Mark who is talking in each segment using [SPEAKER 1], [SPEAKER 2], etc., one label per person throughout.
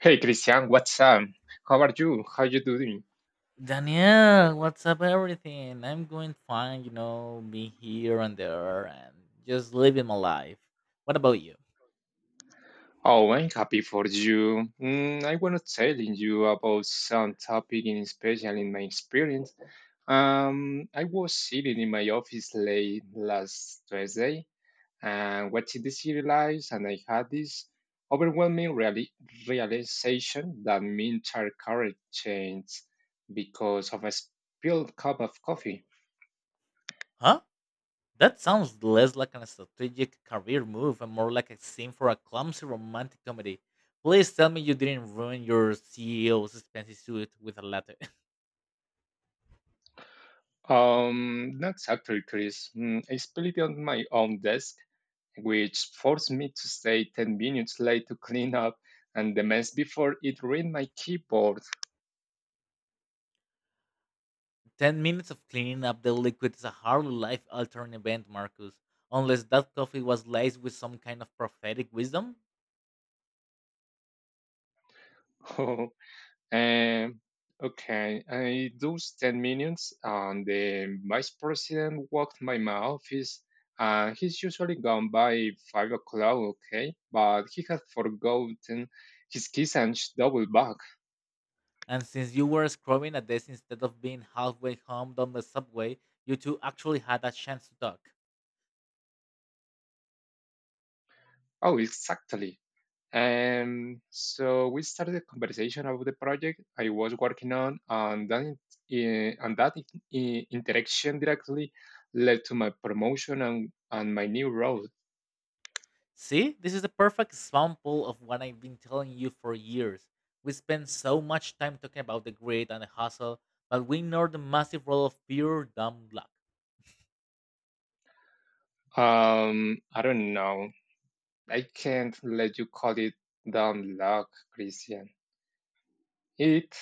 [SPEAKER 1] Hey Christian, what's up? How are you? How you doing?
[SPEAKER 2] Danielle, what's up, everything? I'm going fine, being here and there and just living my life. What about you?
[SPEAKER 1] Oh, I'm happy for you. I want to tell you about some topic in special in my experience. I was sitting in my office late last Thursday and watching the serials, and I had this overwhelming reali- realization that my entire career changed because of a spilled cup of coffee.
[SPEAKER 2] Huh? That sounds less like a strategic career move and more like a scene for a clumsy romantic comedy. Please tell me you didn't ruin your CEO's expensive suit with a letter.
[SPEAKER 1] Not actually, Chris. I spilled it on my own desk, which forced me to stay 10 minutes late to clean up and the mess before it ruined my keyboard.
[SPEAKER 2] 10 minutes of cleaning up the liquid is a hardly life altering event, Marcus. Unless that coffee was laced with some kind of prophetic wisdom?
[SPEAKER 1] um, okay, I those 10 minutes, and the vice president walked by my office. He's usually gone by 5 o'clock, okay? But he had forgotten his keys and double bag.
[SPEAKER 2] And since you were scrubbing at this instead of being halfway home down the subway, you two actually had a chance to talk.
[SPEAKER 1] Oh, exactly. And so we started a conversation about the project I was working on, and that interaction directly led to my promotion and my new role.
[SPEAKER 2] See, this is a perfect example of what I've been telling you for years. We spend so much time talking about the grit and the hustle, but we ignore the massive role of pure dumb luck.
[SPEAKER 1] I don't know. I can't let you call it down luck, Christian. It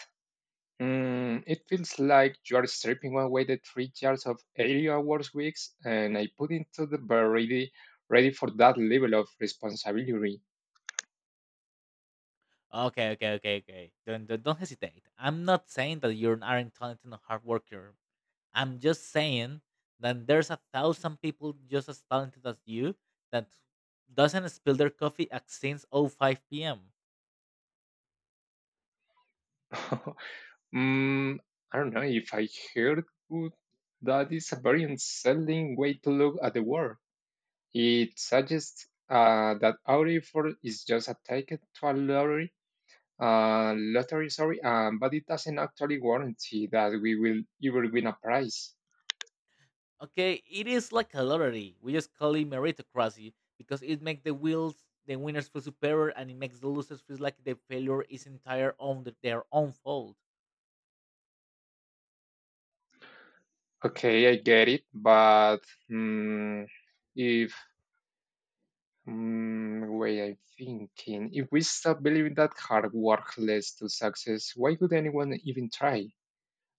[SPEAKER 1] it feels like you are stripping away the 3 years of 80 hours weeks, and I put into the bar ready for that level of responsibility.
[SPEAKER 2] Okay, okay, okay, okay. Don't hesitate. I'm not saying that you aren't talented and hard worker. I'm just saying that there's a thousand people just as talented as you that doesn't spill their coffee at since oh 5 p.m.
[SPEAKER 1] mm, I don't know if I heard good. That is a very unsettling way to look at the world. It suggests that our effort is just a ticket to a lottery, lottery, sorry, but it doesn't actually guarantee that we will ever win a prize.
[SPEAKER 2] Okay, it is like a lottery. We just call it meritocracy because it makes the wheels the winners feel superior, and it makes the losers feel like the failure is entire on their own fault.
[SPEAKER 1] Okay, I get it, but mm, if way I'm thinking, if we stop believing that hard work leads to success, why would anyone even try?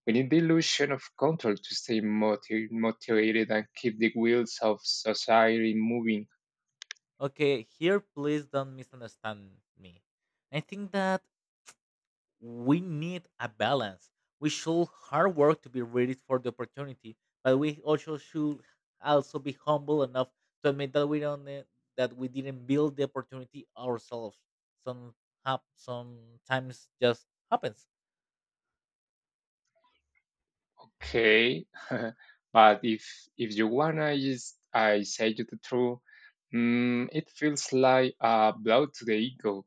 [SPEAKER 1] We need the illusion of control to stay motivated and keep the wheels of society moving.
[SPEAKER 2] Okay, here please don't misunderstand me. I think that we need a balance. We should hard work to be ready for the opportunity, but we also should also be humble enough to admit that we didn't build the opportunity ourselves. Some Sometimes just happens.
[SPEAKER 1] Okay, but if you wanna, is I say you the truth, it feels like a blow to the ego.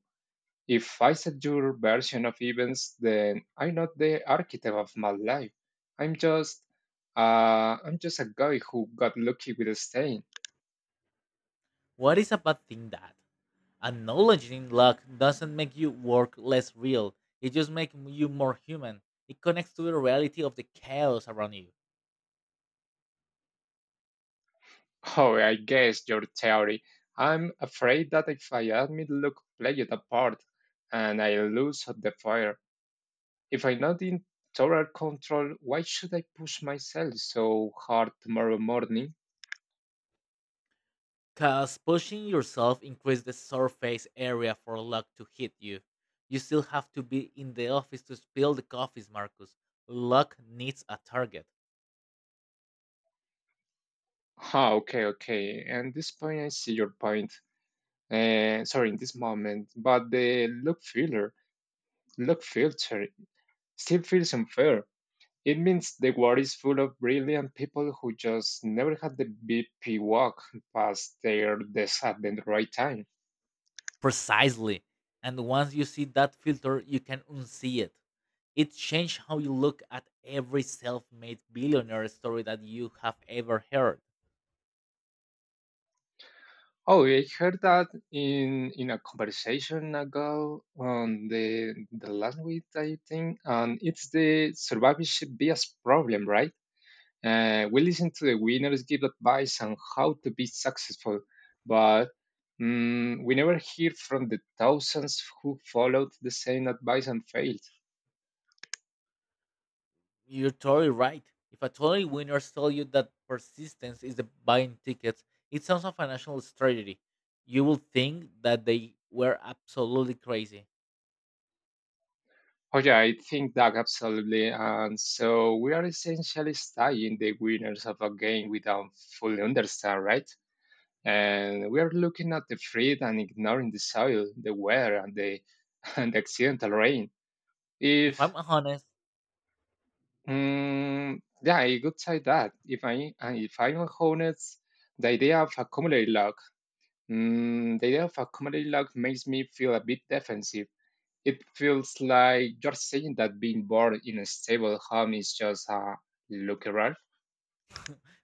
[SPEAKER 1] If I set your version of events, then I'm not the architect of my life. I'm just I'm just a guy who got lucky with a stain.
[SPEAKER 2] What is a bad thing that acknowledging luck doesn't make you work less real? It just makes you more human. It connects to the reality of the chaos around you.
[SPEAKER 1] Oh, I guess your theory. I'm afraid that if I admit look played it apart and I lose at the fire. If I'm not in total control, why should I push myself so hard tomorrow morning?
[SPEAKER 2] Cause pushing yourself increases the surface area for luck to hit you. You still have to be in the office to spill the coffees, Marcus. Luck needs a target.
[SPEAKER 1] Ah, okay, okay. And this point, I see your point. Sorry, in this moment, but the look filter still feels unfair. It means the world is full of brilliant people who just never had the BP walk past their desk at the right time.
[SPEAKER 2] Precisely. And once you see that filter, you can unsee it. It changed how you look at every self made billionaire story that you have ever heard.
[SPEAKER 1] Oh, I heard that in a conversation ago on the last week, I think, and it's the survivorship bias problem, right? We listen to the winners give advice on how to be successful, but we never hear from the thousands who followed the same advice and failed.
[SPEAKER 2] You're totally right. If a totally winners tell you that persistence is the buying tickets, it sounds a financial strategy. You will think that they were absolutely crazy.
[SPEAKER 1] Oh yeah, I think that absolutely. And so we are essentially studying the winners of a game we don't fully understand, right? And we are looking at the fruit and ignoring the soil, the weather, and the, and the accidental rain.
[SPEAKER 2] If
[SPEAKER 1] If,
[SPEAKER 2] I'm honest,
[SPEAKER 1] mm, yeah, I could say that. If, I, and if I'm honest, the idea of a community log, the idea of a community log makes me feel a bit defensive. It feels like you're saying that being born in a stable home is just a lucky rare.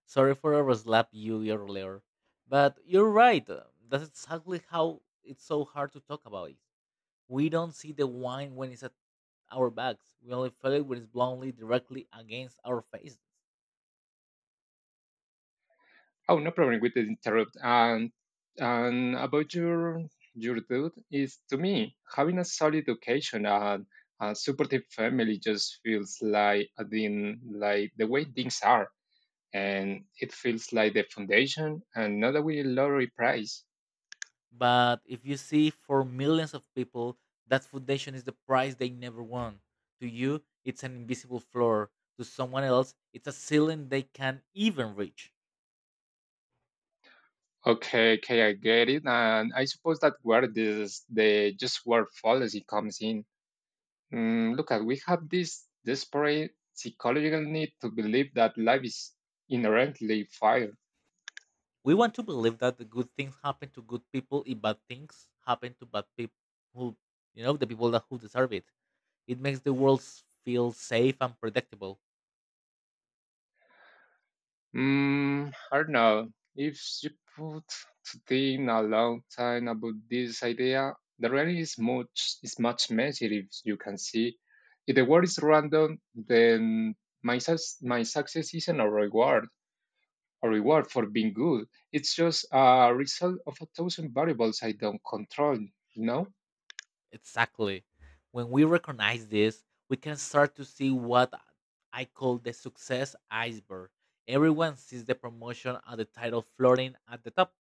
[SPEAKER 2] sorry for overslap you earlier, but you're right. That's exactly how it's so hard to talk about it. We don't see the wine when it's at our backs. We only feel it when it's bluntly directly against our faces.
[SPEAKER 1] Oh, no problem with the interrupt. And about your dude is to me having a solid education and a supportive family just feels like I mean, like the way things are, and it feels like the foundation and not a wee lottery prize.
[SPEAKER 2] But if you see for millions of people, that foundation is the prize they never won. To you, it's an invisible floor. To someone else, it's a ceiling they can't even reach.
[SPEAKER 1] Okay, okay, I get it, and I suppose that where this the just word fallacy comes in. Look at we have this desperate psychological need to believe that life is inherently fair.
[SPEAKER 2] We want to believe that the good things happen to good people if bad things happen to bad people who, the people that who deserve it. It makes the world feel safe and predictable.
[SPEAKER 1] I don't know. If you put to think a long time about this idea, the reality is much messier if you can see. If the world is random, then my success isn't a reward for being good. It's just a result of a thousand variables I don't control, you know?
[SPEAKER 2] Exactly. When we recognize this, we can start to see what I call the success iceberg. Everyone sees the promotion and the title floating at the top.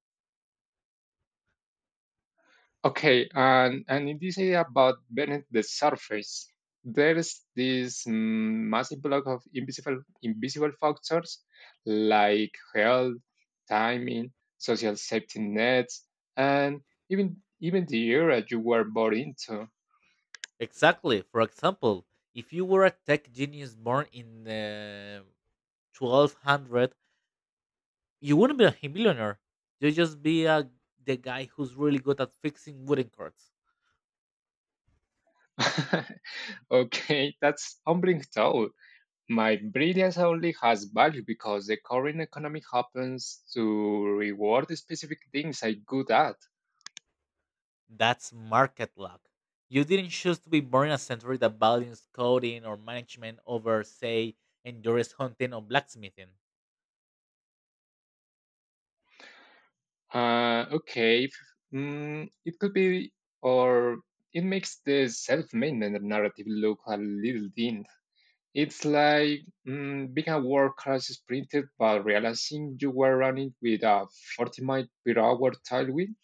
[SPEAKER 1] Okay, and in this area about beneath the surface, there's this massive block of invisible factors like health, timing, social safety nets, and even the era you were born into.
[SPEAKER 2] Exactly. For example, if you were a tech genius born in the 1200, you wouldn't be a millionaire. You'd just be the guy who's really good at fixing wooden carts.
[SPEAKER 1] Okay, that's humbling thought. My brilliance only has value because the current economy happens to reward specific things I'm good at.
[SPEAKER 2] That's market luck. You didn't choose to be born in a century that values coding or management over, say, endurance hunting or blacksmithing.
[SPEAKER 1] Okay, if, it could be, or it makes the self-made narrative look a little thin. It's like being a world-class sprinter but realizing you were running with a 40 mile per hour tailwind.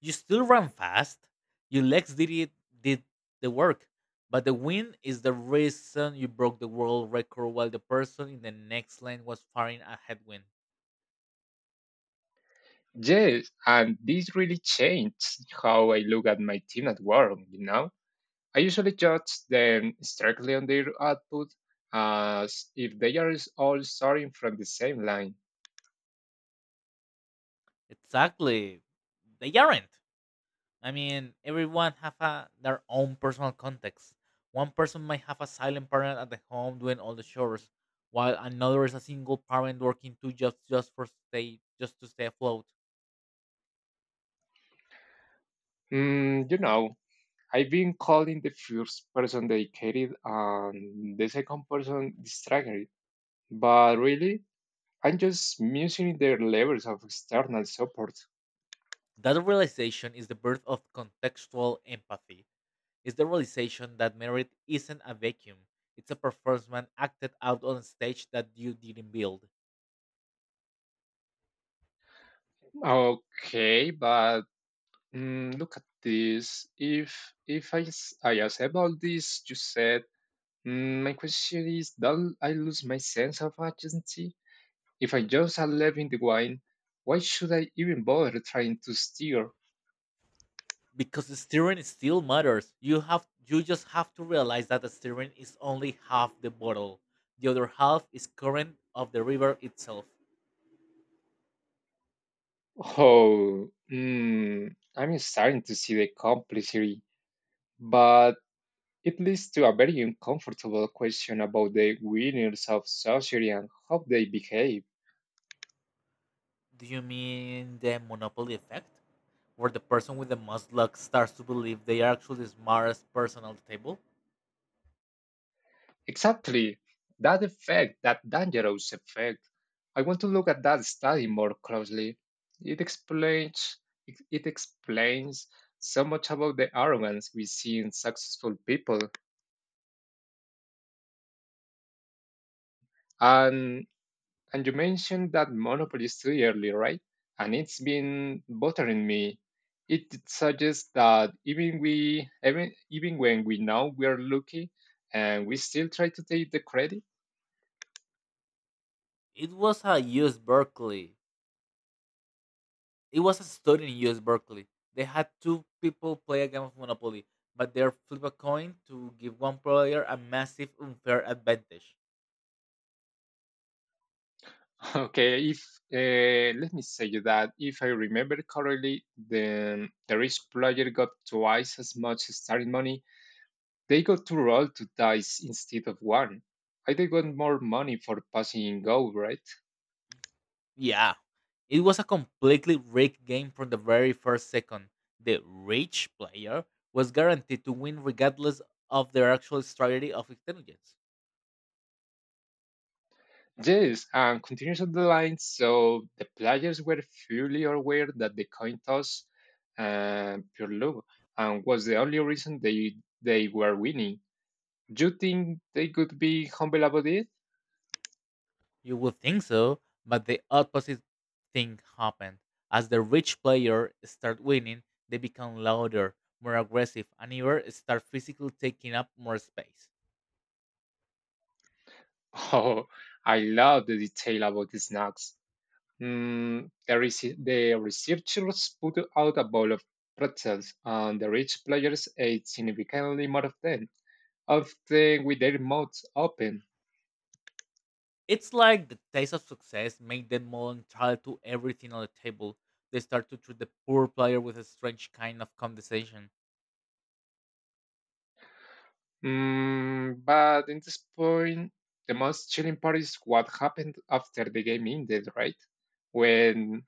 [SPEAKER 2] You still ran fast. Your legs did the work. But the wind is the reason you broke the world record while the person in the next lane was firing a headwind.
[SPEAKER 1] Yes, and this really changed how I look at my team at work, you know? I usually judge them strictly on their output as if they are all starting from the same line.
[SPEAKER 2] Exactly. They aren't. I mean, everyone have their own personal context. One person might have a silent parent at the home doing all the chores, while another is a single parent working two jobs just to stay afloat.
[SPEAKER 1] You know, I've been calling the first person dedicated and the second person distracted, but really, I'm just measuring their levels of external support.
[SPEAKER 2] That realization is the birth of contextual empathy. It's the realization that merit isn't a vacuum; it's a performance acted out on a stage that you didn't build.
[SPEAKER 1] Okay, but look at this. If I s- I accept all this you said, my question is, don't I lose my sense of agency? If I just are in the wine, why should I even bother trying to steer?
[SPEAKER 2] Because the steering still matters. You just have to realize that the steering is only half the bottle. The other half is current of the river itself.
[SPEAKER 1] Oh, I'm starting to see the complexity, but. It leads to a very uncomfortable question about the winners of society and how they behave.
[SPEAKER 2] Do you mean the monopoly effect? Where the person with the most luck starts to believe they are actually the smartest person at the table?
[SPEAKER 1] Exactly, that effect, that dangerous effect. I want to look at that study more closely. It explains it explains so much about the arrogance we see in successful people and. And you mentioned that Monopoly three earlier, right? And it's been bothering me. It suggests that even even when we know we are lucky, and we still try to take the credit.
[SPEAKER 2] It was a US Berkeley. It was a study in US Berkeley. They had two people play a game of Monopoly, but they flip a coin to give one player a massive unfair advantage.
[SPEAKER 1] Okay, if let me say you that if I remember correctly, the rich player got twice as much starting money. They got to roll two dice instead of one. I they got more money for passing in go, right?
[SPEAKER 2] Yeah, it was a completely rigged game from the very first second. The rich player was guaranteed to win regardless of their actual strategy of intelligence.
[SPEAKER 1] Yes, and continues on the line. So the players were fully aware that the coin toss pure luck and was the only reason they were winning. Do you think they could be humble about it?
[SPEAKER 2] You would think so, but the opposite thing happened. As the rich player start winning, they become louder, more aggressive, and even start physically taking up more space.
[SPEAKER 1] Oh, I love the detail about the snacks. The researchers put out a bowl of pretzels, and the rich players ate significantly more of them, often with their mouths open.
[SPEAKER 2] It's like the taste of success made them more entitled to everything on the table. They start to treat the poor player with a strange kind of condescension.
[SPEAKER 1] But in this point, the most chilling part is what happened after the game ended, right? When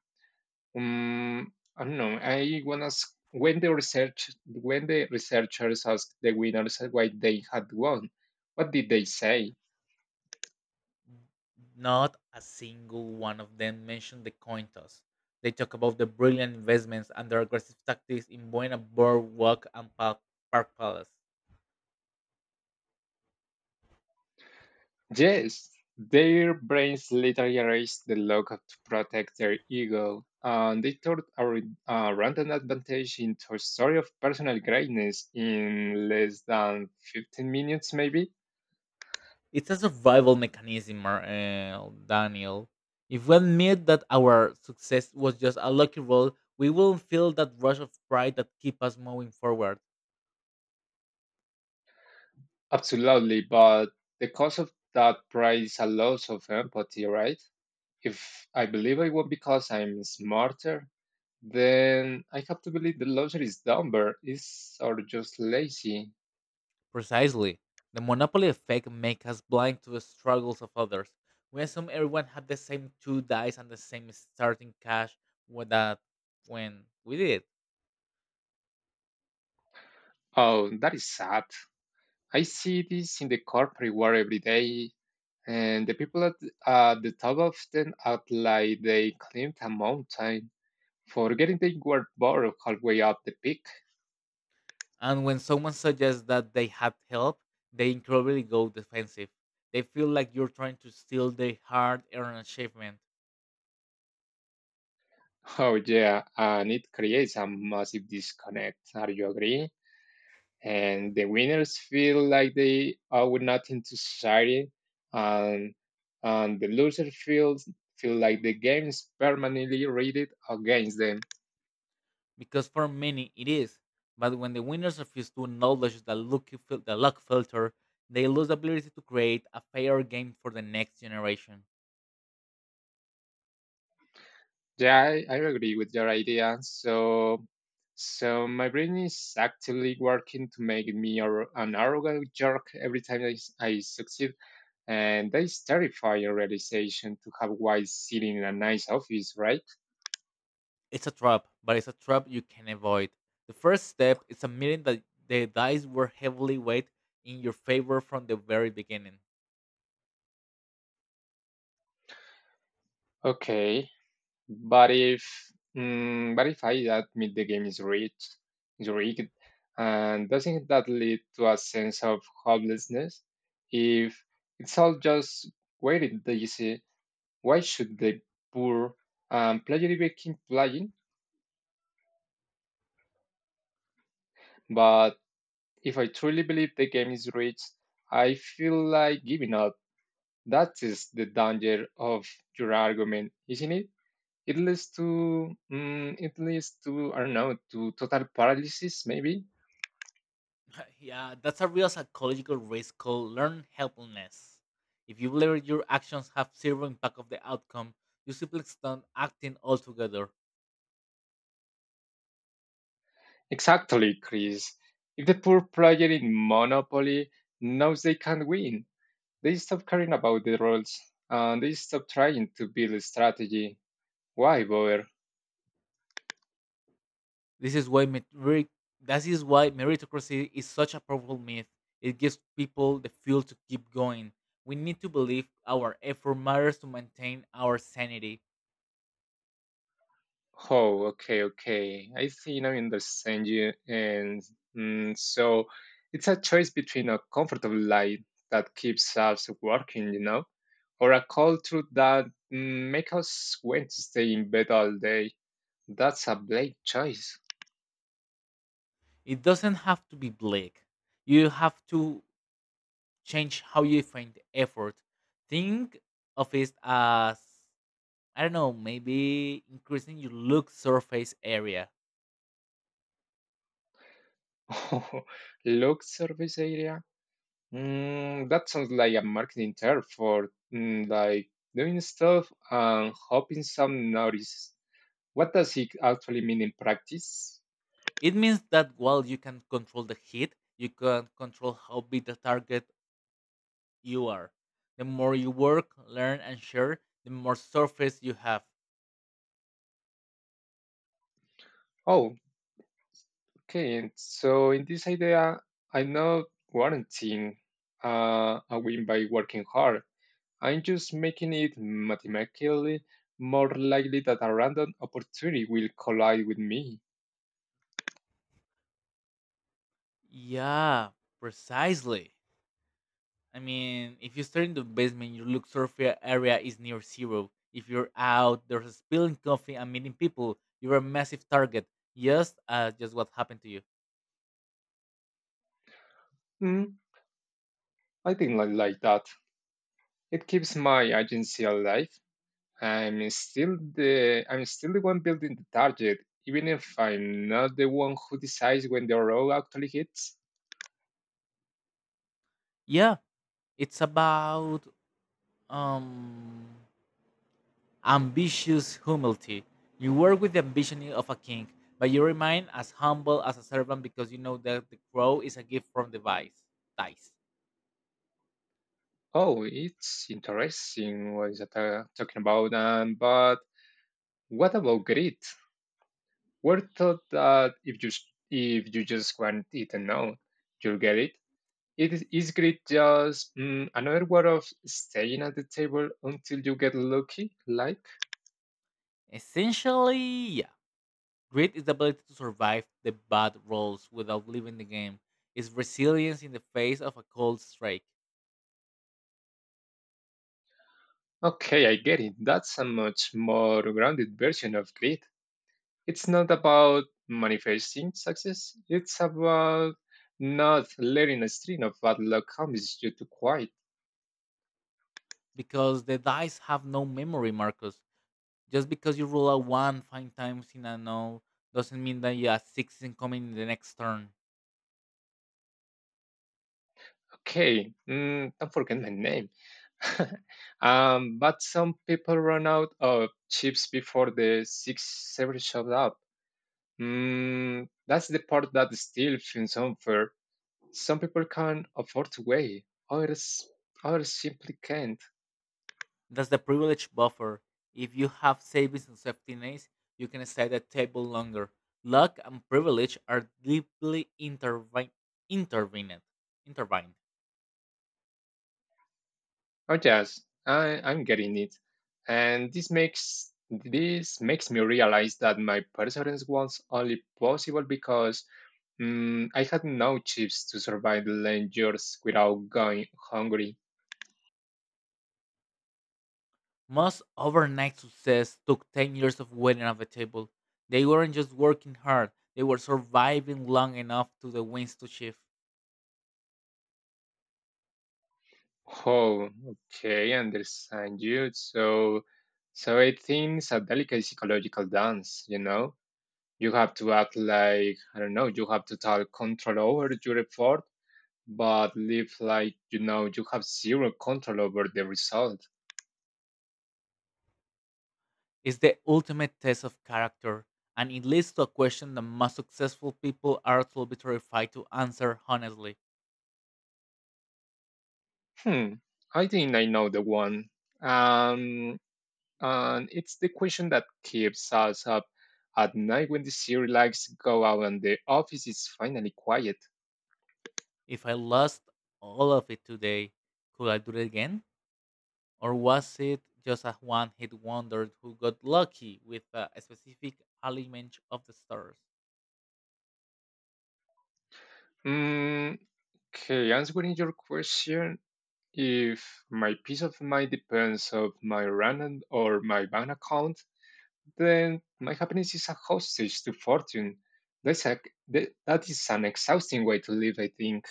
[SPEAKER 1] mm I don't know, I wanna ask when the research when the researchers asked the winners why they had won, what did they say?
[SPEAKER 2] Not a single one of them mentioned the coin toss. They talk about the brilliant investments and their aggressive tactics in Buena Boardwalk and Park Palace.
[SPEAKER 1] Yes, their brains literally raised the lock to protect their ego, and they turned a random advantage into a story of personal greatness in less than 15 minutes, maybe?
[SPEAKER 2] It's a survival mechanism, Daniel. If we admit that our success was just a lucky roll, we will feel that rush of pride that keeps us moving forward.
[SPEAKER 1] Absolutely, but the cost of that pride is a loss of empathy, right? If I believe I won because I'm smarter, then I have to believe the loser is dumber, is or just lazy.
[SPEAKER 2] Precisely. The monopoly effect makes us blind to the struggles of others. We assume everyone had the same two dice and the same starting cash with that when we did.
[SPEAKER 1] Oh, that is sad. I see this in the corporate world every day, and the people at the top often act like they climbed a mountain, forgetting they were bored halfway up the peak.
[SPEAKER 2] And when someone suggests that they had help, they incredibly go defensive. They feel like you're trying to steal their hard earned achievement.
[SPEAKER 1] Oh yeah, and it creates a massive disconnect. Are you agree? And the winners feel like they owe nothing to society, and and the losers feel like the game is permanently rated against them.
[SPEAKER 2] Because for many it is. But when the winners refuse to acknowledge the the luck filter, they lose the ability to create a fair game for the next generation.
[SPEAKER 1] Yeah, I agree with your idea. So, so my brain is actively working to make me an arrogant jerk every time I succeed, and that is terrifying realization to have while sitting in a nice office, right?
[SPEAKER 2] It's a trap, but it's a trap you can avoid. The first step is admitting that the dice were heavily weighted in your favor from the very beginning.
[SPEAKER 1] Okay, but if but if I admit the game is rigged, and doesn't that lead to a sense of hopelessness? If it's all just waited, why should the poor play Oliver King playing? But if I truly believe the game is rigged, I feel like giving up. That is the danger of your argument, isn't it? It leads to, it leads to, I don't know, to total paralysis, maybe.
[SPEAKER 2] Yeah, that's a real psychological risk called learned helplessness. If you believe your actions have zero impact of the outcome, you simply stop acting altogether.
[SPEAKER 1] Exactly, Chris. If the poor player in Monopoly knows they can't win, they stop caring about the roles and they stop trying to build a strategy. Why bother?
[SPEAKER 2] This is why merit- that is why meritocracy is such a powerful myth. It gives people the fuel to keep going. We need to believe our effort matters to maintain our sanity.
[SPEAKER 1] Oh, okay, okay. I think I understand you. And so it's a choice between a comfortable life that keeps us working, you know, or a culture that makes us want to stay in bed all day. That's a big choice.
[SPEAKER 2] It doesn't have to be bleak. You have to change how you find effort. Think of it as, I don't know, maybe increasing your look surface area.
[SPEAKER 1] Look, service area. That sounds like a marketing term for like doing stuff and hoping some notice. What does it actually mean in practice?
[SPEAKER 2] It means that while you can control the heat, you can control how big the target you are. The more you work, learn, and share, the more surface you have.
[SPEAKER 1] Oh, okay. And so in this idea, I'm not warranting a win by working hard. I'm just making it mathematically more likely that a random opportunity will collide with me.
[SPEAKER 2] Yeah, precisely. I mean, if you start in the basement, your look surface area is near zero. If you're out, there's spilling coffee and meeting people. You're a massive target. Yes, just what happened to you.
[SPEAKER 1] Mm, I think I like that. It keeps my agency alive. I'm still the one building the target, even if I'm not the one who decides when the roll actually hits.
[SPEAKER 2] Yeah, it's about um ambitious humility. You work with the ambition of a king, but you remain as humble as a servant because you know that the crow is a gift from the vice dice.
[SPEAKER 1] Oh, it's interesting. What is that talking about? But what about grit? We're taught that if you just want it and know, you'll get it. Is grit just another word of staying at the table until you get lucky? Like,
[SPEAKER 2] Essentially, yeah. Grit is the ability to survive the bad rolls without leaving the game. It's resilience in the face of a cold strike.
[SPEAKER 1] okay, I get it. That's a much more grounded version of grit. It's not about manifesting success, it's about not letting a string of bad luck comes you to quiet.
[SPEAKER 2] Because the dice have no memory, Marcus. Just because you roll a 1 5 times in a no doesn't mean that you have six in coming in the next turn.
[SPEAKER 1] Okay, don't forget my name. But some people run out of chips before the six seven shows up. That's the part that still feels unfair. Some people can't afford to wait, others, others simply can't.
[SPEAKER 2] That's the privilege buffer. If you have savings and safety nets, you can stay at the table longer. Luck and privilege are deeply intervened. Intertwined.
[SPEAKER 1] Oh yes, I'm getting it. And this makes me realize that my perseverance was only possible because I had no chips to survive the long years without going hungry.
[SPEAKER 2] Most overnight success took 10 years of waiting at the table. They weren't just working hard, they were surviving long enough to the winds to shift.
[SPEAKER 1] Oh, okay, understand you. So I think it's a delicate psychological dance. You know, you have to act like I don't know. You have total control over your effort, but live like you know you have zero control over the result.
[SPEAKER 2] It's the ultimate test of character, and it leads to a question the most successful people are absolutely terrified to answer honestly.
[SPEAKER 1] Hmm, I think I know the one. Um, and it's the question that keeps us up at night when the serial lights go out and the office is finally quiet.
[SPEAKER 2] If I lost all of it today, could I do it again? Or was it just a one hit wonder who got lucky with a specific element of the stars?
[SPEAKER 1] Mm, okay, answering your question, if my peace of mind depends of my random or my bank account, then my happiness is a hostage to fortune. That's a, that is an exhausting way to live, I think.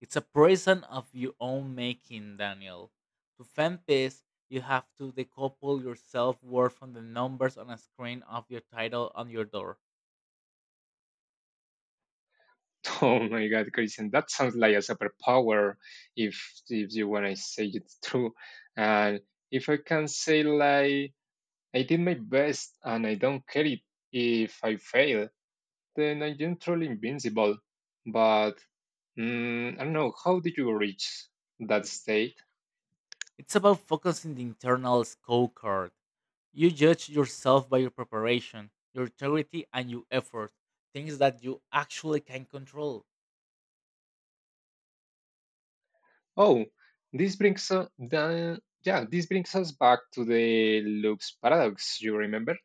[SPEAKER 2] It's a prison of your own making, Daniel. To find peace, you have to decouple your self worth from the numbers on a screen of your title on your door.
[SPEAKER 1] Oh my God, Christian, that sounds like a superpower. If you when I say it's true, and if I can say like I did my best and I don't care it if I fail, then I'm troll invincible, but I don't know. How did you reach that state?
[SPEAKER 2] It's about focusing the internal scorecard. You judge yourself by your preparation, your integrity, and your effort, things that you actually can control.
[SPEAKER 1] Oh, this brings this brings us back to the loops paradox. You remember?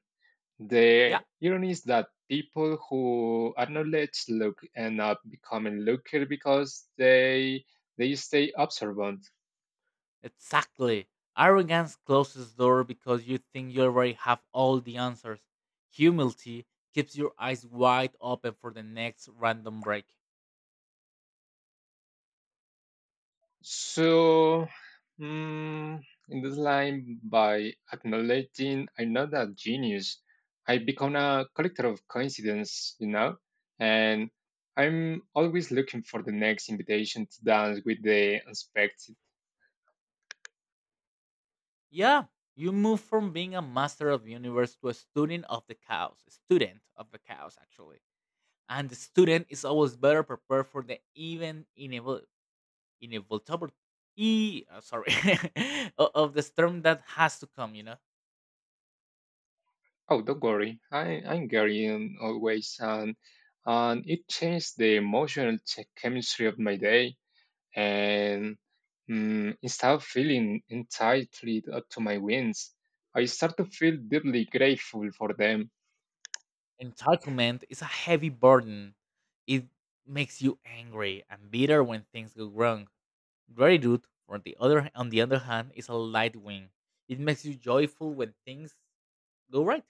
[SPEAKER 2] Yeah.
[SPEAKER 1] The irony is that people who acknowledge look end up becoming looker because they stay observant.
[SPEAKER 2] Exactly. Arrogance closes the door because you think you already have all the answers. Humility keeps your eyes wide open for the next random break.
[SPEAKER 1] So, mm, in this line, by acknowledging another genius, I become a collector of coincidence, you know, and I'm always looking for the next invitation to dance with the unexpected.
[SPEAKER 2] Yeah, you move from being a master of the universe to a student of the chaos. Student of the chaos, actually. And the student is always better prepared for the even inevitable, sorry, of the storm that has to come. You know.
[SPEAKER 1] Oh, don't worry, I'm Gary and always, and it changed the emotional chemistry of my day. And instead of feeling entitled to my wins, I start to feel deeply grateful for them.
[SPEAKER 2] Entitlement is a heavy burden. It makes you angry and bitter when things go wrong. Gratitude, on the other hand, is a light wing. It makes you joyful when things go right.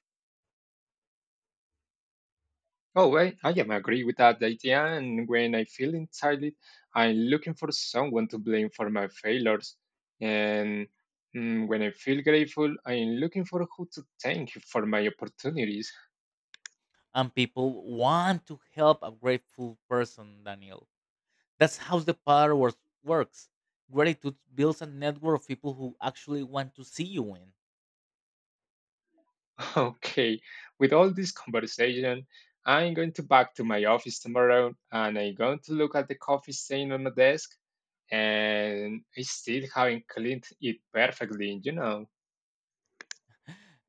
[SPEAKER 1] Oh, I am agree with that idea, and when I feel entitled, I'm looking for someone to blame for my failures. And when I feel grateful, I'm looking for who to thank for my opportunities.
[SPEAKER 2] And people want to help a grateful person, Daniel. That's how the power works. Gratitude builds a network of people who actually want to see you win.
[SPEAKER 1] Okay, with all this conversation, I'm going to back to my office tomorrow and I'm going to look at the coffee stain on my desk and I still haven't cleaned it perfectly, you know.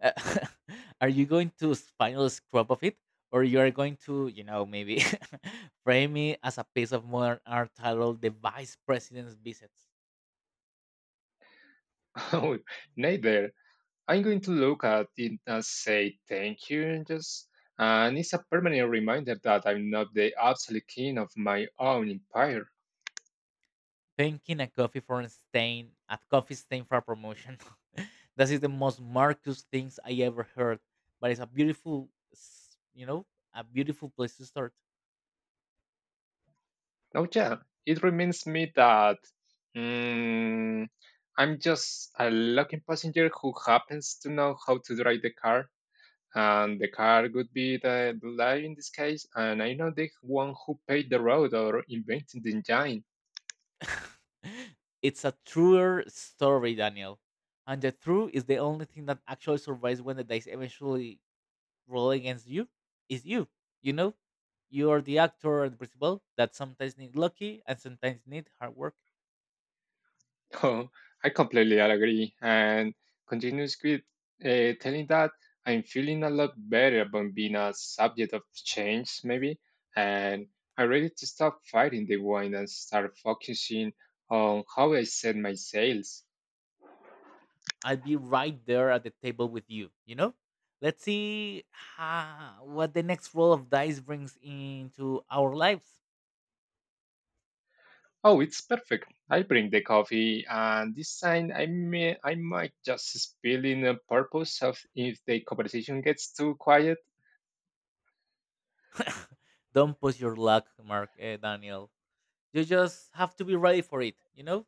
[SPEAKER 2] Uh, are you going to final scrub of it, or you are going to, maybe frame me as a piece of modern art titled "The Vice President's Visits"?
[SPEAKER 1] Oh, neither. I'm going to look at it and say thank you and just and it's a permanent reminder that I'm not the absolute king of my own empire.
[SPEAKER 2] Thanking a coffee for a stain at coffee stain for a promotion. That is the most Marcus things I ever heard, but it's a beautiful, a beautiful place to start.
[SPEAKER 1] Oh yeah, it reminds me that mm, I'm just a lucky passenger who happens to know how to drive the car, and the car would be the lie in this case, and I know the one who paved the road or invented the engine.
[SPEAKER 2] It's a truer story, Daniel, and the truth is the only thing that actually survives when the dice eventually role against you is you. You know, you are the actor and principal that sometimes need lucky and sometimes need hard work.
[SPEAKER 1] Oh, I completely agree. And continues with telling that I'm feeling a lot better about being a subject of change, maybe. And I'm ready to stop fighting the wind and start focusing on how I set my sails.
[SPEAKER 2] I'll be right there at the table with you. You know, let's see what the next roll of dice brings into our lives.
[SPEAKER 1] Oh, it's perfect. I bring the coffee, and this time I might just spill in a purpose of if the conversation gets too quiet.
[SPEAKER 2] Don't push your luck, Mark Daniel. You just have to be ready for it. You know,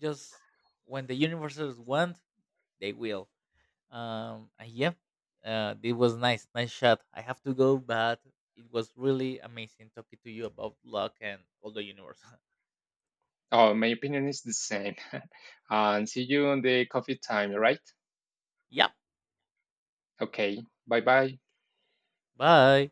[SPEAKER 2] just when the universes want, they will. And yeah, it was nice shot. I have to go, but it was really amazing talking to you about luck and all the universe.
[SPEAKER 1] Oh, my opinion is the same. And see you on the coffee time, right?
[SPEAKER 2] Yep.
[SPEAKER 1] Okay, bye bye.
[SPEAKER 2] Bye.